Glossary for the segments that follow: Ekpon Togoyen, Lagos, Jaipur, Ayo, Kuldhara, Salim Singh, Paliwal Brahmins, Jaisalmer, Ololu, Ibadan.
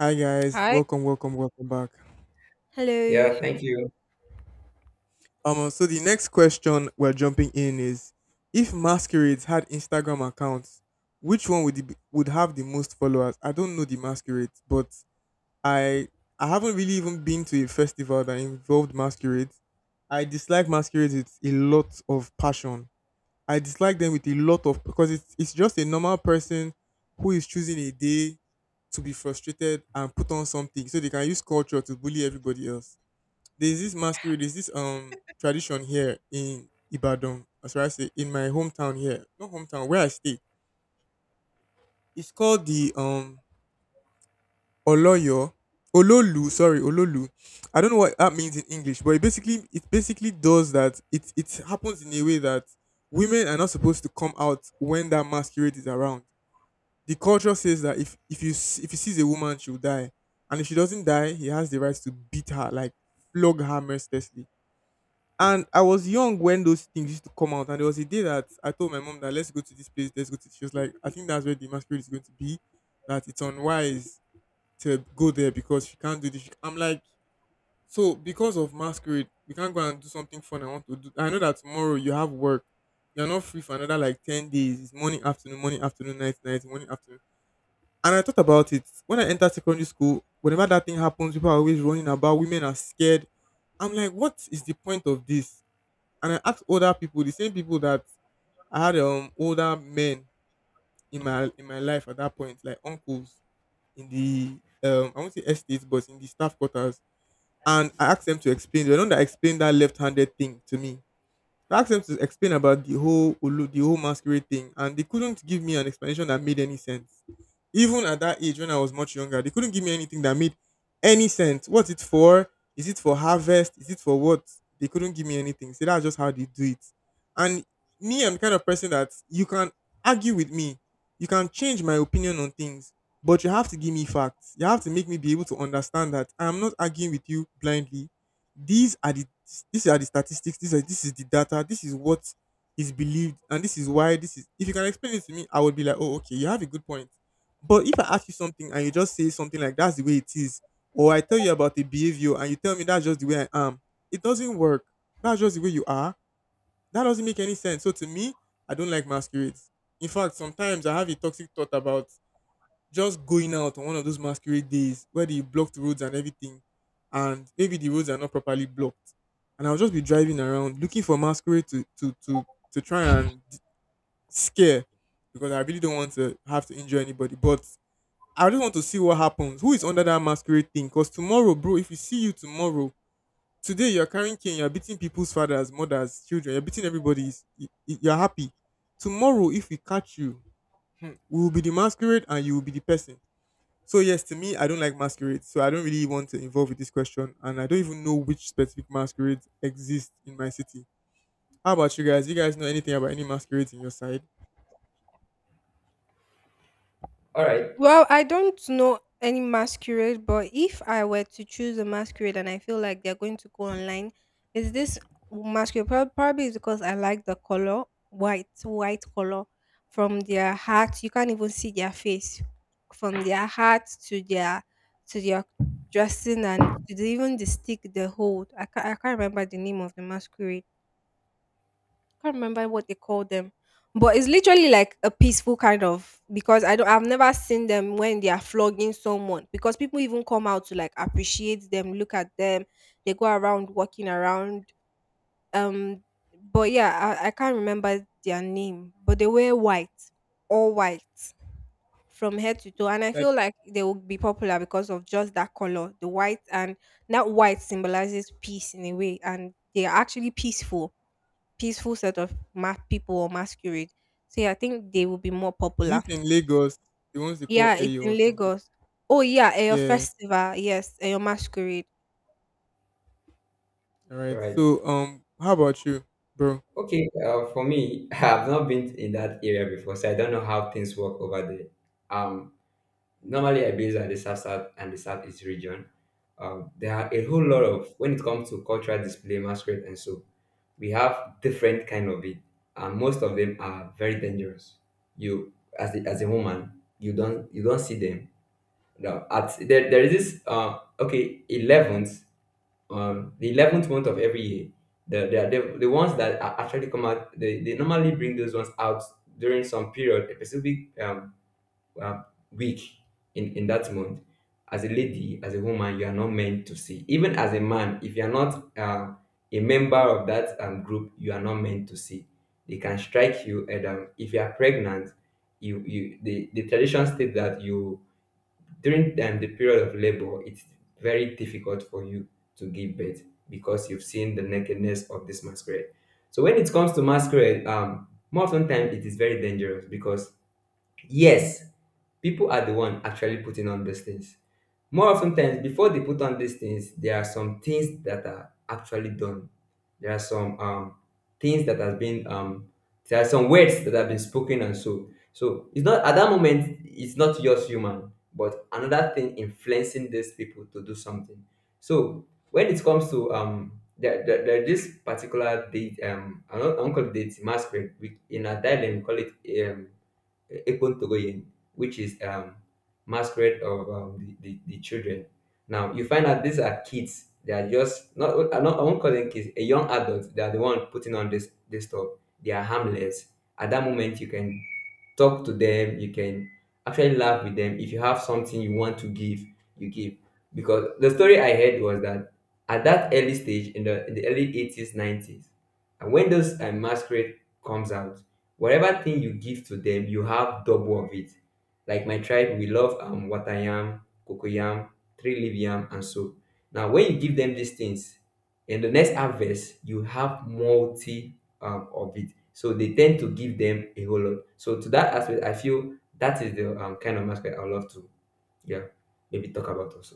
Hi guys, Hi. welcome, welcome, welcome back. Hello. Yeah, thank you. So the next question we're jumping in is: if masquerades had Instagram accounts, which one would have the most followers? I don't know the masquerades, but I I haven't really even been to a festival that involved masquerades. I dislike masquerades with a lot of passion. I dislike them with a lot of because it's just a normal person who is choosing a day to be frustrated and put on something so they can use culture to bully everybody else. There's this tradition here in Ibadan, as I say, in my hometown here, not hometown where I stay. It's called the Oloyo, Ololu, sorry, Ololu. I don't know what that means in English, but it basically does that. It happens in a way that women are not supposed to come out when that masquerade is around. The culture says that if you s- if he sees a woman, she'll die, and if she doesn't die, he has the right to beat her, like flog her mercilessly. And I was young when those things used to come out. And there was a day that I told my mom that let's go to this place, let's go to this. She was like, I think that's where the masquerade is going to be, that it's unwise to go there because she can't do this. She- I'm like, so because of masquerade, we can't go and do something fun I want to do. I know that tomorrow you have work. You're not free for another like 10 days. It's morning, afternoon, night, night, morning, afternoon. And I thought about it. When I entered secondary school, whenever that thing happens, people are always running about. Women are scared. I'm like, what is the point of this? And I asked older people, the same people that I had older men in my life at that point, like uncles in the I won't say estates, but in the staff quarters. And I asked them to explain. They don't that explain that left-handed thing to me. I asked them to explain about the whole Olu, the whole masquerade thing, and they couldn't give me an explanation that made any sense. Even at that age when I was much younger, they couldn't give me anything that made any sense. What's it for? Is it for harvest? Is it for what? They couldn't give me anything. So that's just how they do it. And me, I'm the kind of person that you can argue with me. You can change my opinion on things, but you have to give me facts. You have to make me be able to understand that I'm not arguing with you blindly. These are the these are the statistics. These are this is the data. This is what is believed and this is why this is. If you can explain it to me, I would be like, oh, okay, you have a good point. But if I ask you something and you just say something like that's the way it is, or I tell you about a behavior and you tell me that's just the way I am, it doesn't work. That's just the way you are. That doesn't make any sense. So to me, I don't like masquerades. In fact, sometimes I have a toxic thought about just going out on one of those masquerade days where they block the roads and everything, and maybe the roads are not properly blocked. And I'll just be driving around looking for masquerade to scare, because I really don't want to have to injure anybody. But I just want to see what happens. Who is under that masquerade thing? Because tomorrow, bro, if we see you tomorrow, today you're carrying cane, you're beating people's fathers, mothers, children, you're beating everybody's, you're happy. Tomorrow, if we catch you, hmm, we will be the masquerade and you will be the person. So, yes, to me, I don't like masquerades. So, I don't really want to involve with this question. And I don't even know which specific masquerades exist in my city. How about you guys? You guys know anything about any masquerades in your side? All right, Well, I don't know any masquerade, but if I were to choose a masquerade and I feel like they're going to go online, is this masquerade? Probably it's because I like the color, white color from their hat. You can't even see their face from their hat to their dressing and to even the stick they hold. I can't remember the name of the masquerade. Can't remember what they call them, but it's literally like a peaceful kind of because I've never seen them when they are flogging someone because people even come out to like appreciate them, look at them, they go around walking around. Um, but yeah, I can't remember their name, but they were white, all white from head to toe, and I That feel like they will be popular because of just that color, the white, and that white symbolizes peace in a way, and they are actually peaceful set of people or masquerade. So yeah, I think they will be more is it popular. in Lagos, the ones they call Yeah, it's Ayo or in something. Lagos. Oh yeah, your Yeah, festival. Yes, your masquerade. all all right. right. So how about you, bro? Okay, for me, I've not been in that area before, so I don't know how things work over there. Um, Normally I base on the South South and the Southeast region. There are a Okay, whole lot of when it comes to cultural display, masquerade, and so we have different kind of it, and most of them are very dangerous. You, as a woman, you don't see them. No, there is this okay 11th. The 11th month of every year. The ones that are actually come out, they normally bring those ones out during some period, a specific um week in that month. As a lady, as a woman, you are not meant to see. Even as a man, if you are not a member of that group, you are not meant to see. They can strike you, and if you are pregnant, the tradition states that you during the period of labor, it's very difficult for you to give birth because you've seen the nakedness of this masquerade. So when it comes to masquerade, more often time it is very dangerous because yes, people are the one actually putting on these things. More often times, before they put on these things, there are some things that are actually done. There are some things that have been there are some words that have been spoken and so. So it's not at that moment it's not just human, but another thing influencing these people to do something. So when it comes to there are this particular date I don't call it date masquerade, we, in a dialect we call it um. Ekpon Togoyen, which is masquerade of the children. Now, you find out these are kids. They are just, not, I, not, I won't call them kids, a young adult. They are the one putting on this stuff. They are harmless. At that moment, you can talk to them. You can actually laugh with them. If you have something you want to give, you give. Because the story I heard was that at that early stage, in the early 80s, 90s, and when those masquerade comes out, whatever thing you give to them, you have double of it. Like my tribe, we love water yam, cocoa yam, three leaf yam, and so. Now, when you give them these things, in the next harvest, you have multi of it. So they tend to give them a whole lot. So to that aspect, I feel that is the kind of aspect I love to, yeah, maybe talk about also.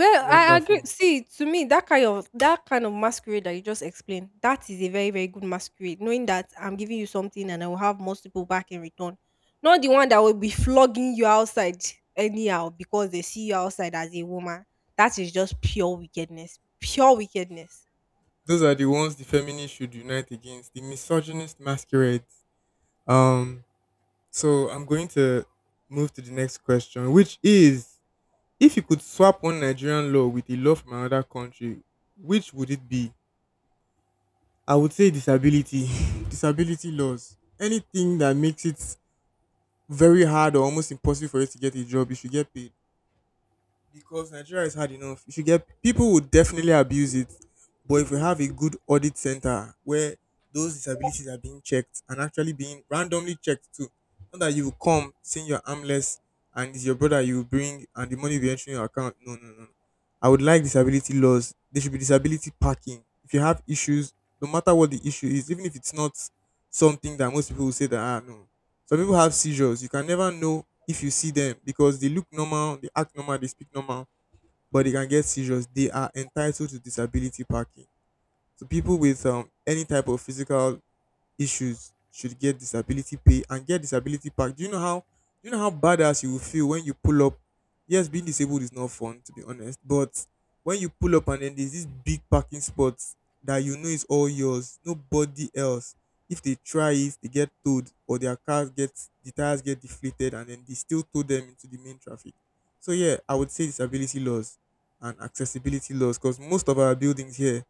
Well, I agree. wonderful. See, to me, that kind of masquerade that you just explained, that is a very very good masquerade. Knowing that I'm giving you something and I will have multiple back in return, not the one that will be flogging you outside anyhow because they see you outside as a woman. That is just pure wickedness, pure wickedness. Those are the ones the feminists should unite against, the misogynist masquerades. Um, so I'm going to move to the next question, which is: if you could swap one Nigerian law with a law from another country, which would it be? I would say disability, disability laws. Anything that makes it very hard or almost impossible for you to get a job, you should get paid because Nigeria is hard enough. If you get people would definitely abuse it, but if we have a good audit center where those disabilities are being checked and actually being randomly checked too, not that you will come saying you're armless and it's your brother you will bring and the money will be entering your account. No, no, no. I would like disability laws. There should be disability parking. If you have issues, no matter what the issue is, even if it's not something that most people will say that ah no. Some people have seizures. You can never know if you see them because they look normal, they act normal, they speak normal, but they can get seizures. They are entitled to disability parking. So people with any type of physical issues should get disability pay and get disability pack. Do you know how badass you will feel when you pull up? Yes, being disabled is not fun to be honest, but when you pull up and then there's this big parking spot that you know is all yours, nobody else. If they try it, they get towed or their cars get the tires get deflated and then they still tow them into the main traffic. So yeah, I would say disability laws and accessibility laws because most of our buildings here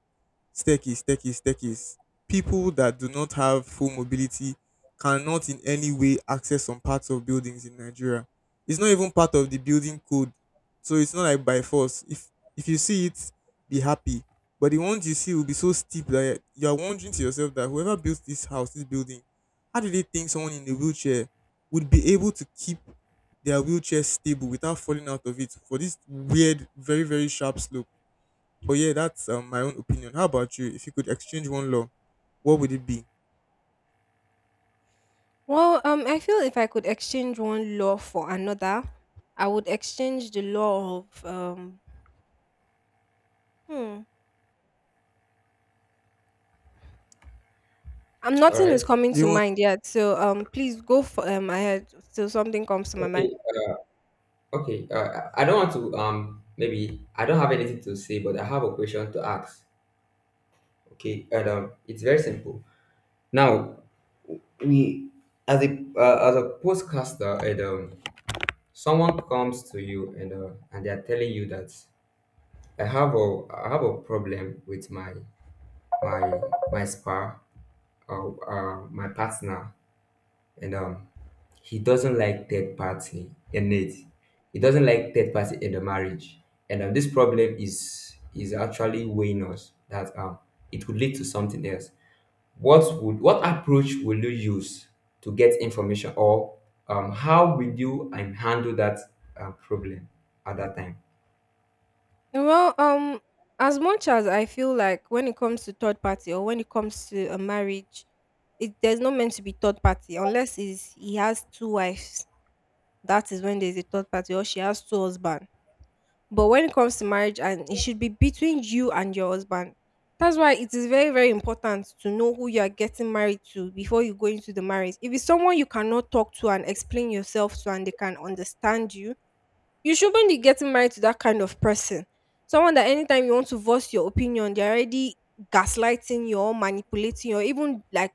staircase, staircase, staircase. People that do not have full mobility cannot in any way access some parts of buildings in Nigeria. It's not even part of the building code. So it's not like by force. If you see it, be happy. But the ones you see will be so steep that you are wondering to yourself that whoever built this house, this building, how do they think someone in a wheelchair would be able to keep their wheelchair stable without falling out of it for this weird, very, very sharp slope? But yeah, that's my own opinion. How about you? If you could exchange one law, what would it be? Well, I feel if I could exchange one law for another, I would exchange the law of. Hmm. All Nothing right. is coming Do you to want? mind yet, so please go for ahead till something comes to my mind. Okay. Okay. I don't want to maybe I don't have anything to say, but I have a question to ask. Okay, Adam, it's very simple. Now, we as a as a podcaster, Adam, someone comes to you and they are telling you that I have a problem with my my spa or my partner, and he doesn't like third party in it. He doesn't like third party in the marriage, and this problem is actually weighing us that it could lead to something else. What would, what approach will you use to get information or how will you handle that problem at that time? Well, as much as I feel like when it comes to third party or when it comes to a marriage, it there's not meant to be third party unless is he has two wives. That is when there's a third party or she has two husbands. But when it comes to marriage, and it should be between you and your husband. That's why it is very, very important to know who you are getting married to before you go into the marriage. If it's someone you cannot talk to and explain yourself to and they can understand you, you shouldn't be getting married to that kind of person. Someone that anytime you want to voice your opinion, they're already gaslighting you or manipulating you or even like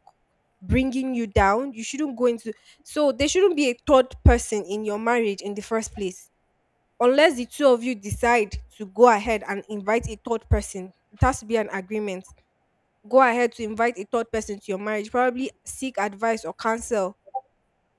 bringing you down. You shouldn't go into. So there shouldn't be a third person in your marriage in the first place unless the two of you decide to go ahead and invite a third person. It has to be an agreement, go ahead to invite a third person to your marriage, probably seek advice or counsel.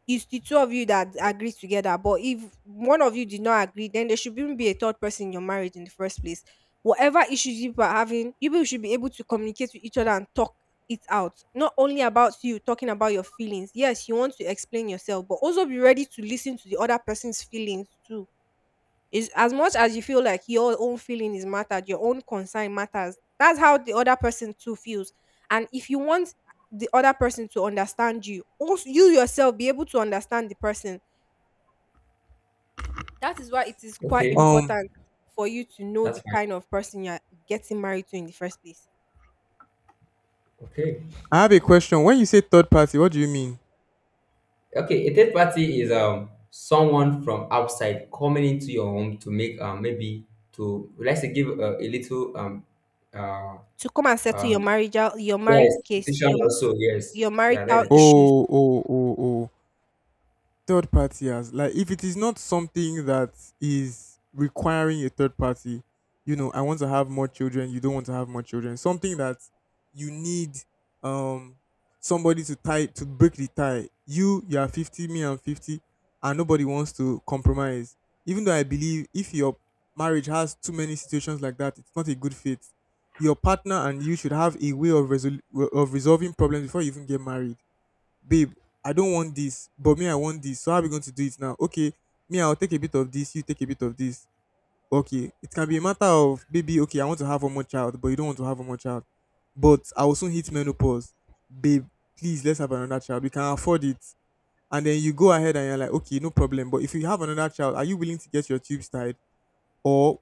It's the two of you that agree together, but if one of you did not agree, then there should even be a third person in your marriage in the first place. Whatever issues you are having, you people should be able to communicate with each other and talk it out. Not only about you talking about your feelings, yes, you want to explain yourself, but also be ready to listen to the other person's feelings too. Is as much as you feel like your own feeling is mattered, your own concern matters. That's how the other person too feels. And if you want the other person to understand you, also you yourself be able to understand the person. That is why it is quite Okay, Um, important for you to know that's the fine. kind of person you're getting married to in the first place. Okay. I have a question. When you say third party, what do you mean? Okay, a third party is someone from outside coming into your home to make maybe to, let's say, give a little uh To come and settle um your marriage yes, case, decision also, yes, your yeah, that's marital it. issues. Oh, oh, oh, oh. Third party as like, if it is not something that is requiring a third party. You know, I want to have more children, you don't want to have more children. Something that you need um somebody to tie to break the tie. You are 50, me I'm 50, and nobody wants to compromise. Even though I believe if your marriage has too many situations like that, it's not a good fit. Your partner and you should have a way of of resolving problems before you even get married. Babe, I don't want this, but me, I want this. So how are we going to do it now? Okay, me, I'll take a bit of this, you take a bit of this. Okay, it can be a matter of, baby, okay, I want to have one more child, but you don't want to have one more child. But I will soon hit menopause. Babe, please, let's have another child. We can afford it. And then you go ahead and you're like, okay, no problem. But if you have another child, are you willing to get your tubes tied? Or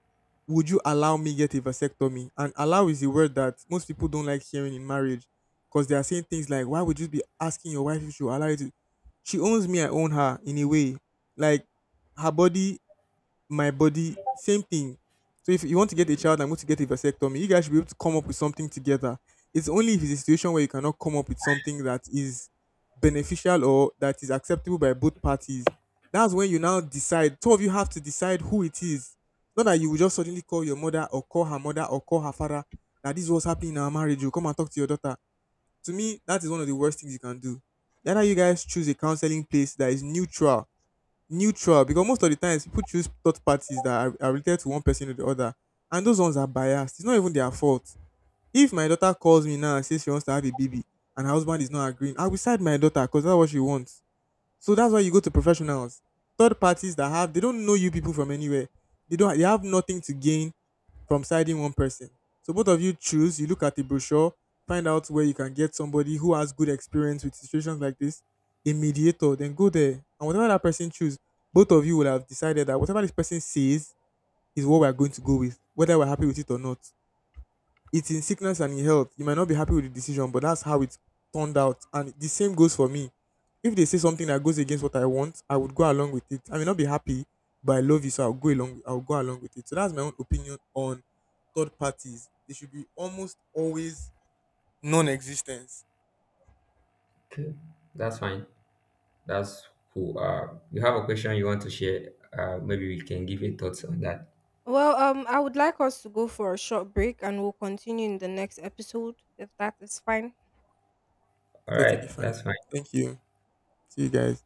would you allow me get a vasectomy? And allow is a word that most people don't like hearing in marriage because they are saying things like, why would you be asking your wife if she will allow you to? She owns me, I own her in a way. Like her body my body, same thing. So if you want to get a child, I'm going to get a vasectomy. You guys should be able to come up with something together. It's only if it's a situation where you cannot come up with something that is beneficial or that is acceptable by both parties. That's when you now decide. Two of you have to decide who it is. Not that you will just suddenly call your mother or call her mother or call her father that this is what's happening in our marriage. You come and talk to your daughter. To me, that is one of the worst things you can do. Either you guys choose a counseling place that is neutral, neutral because most of the times people choose third parties that are related to one person or the other, and those ones are biased. It's not even their fault. If my daughter calls me now and says she wants to have a baby and her husband is not agreeing, I will side my daughter because that's what she wants. So that's why you go to professionals, third parties that have they don't know you people from anywhere. They don't they have nothing to gain from siding one person. So both of you choose, you look at the brochure, find out where you can get somebody who has good experience with situations like this, a mediator, then go there. And whatever that person choose, both of you will have decided that whatever this person says is what we are going to go with, whether we're happy with it or not. It's in sickness and in health. You might not be happy with the decision, but that's how it turned out. And the same goes for me. If they say something that goes against what I want, I would go along with it. I may not be happy, but I love you, so I'll go along. I'll go along with it. So that's my own opinion on third parties. They should be almost always non-existence. Okay, that's fine. That's cool. Uh, you have a question you want to share, maybe we can give a thoughts on that. Well, I would like us to go for a short break and we'll continue in the next episode if that is fine. All Totally right, fine. that's fine. Thank you. See you guys.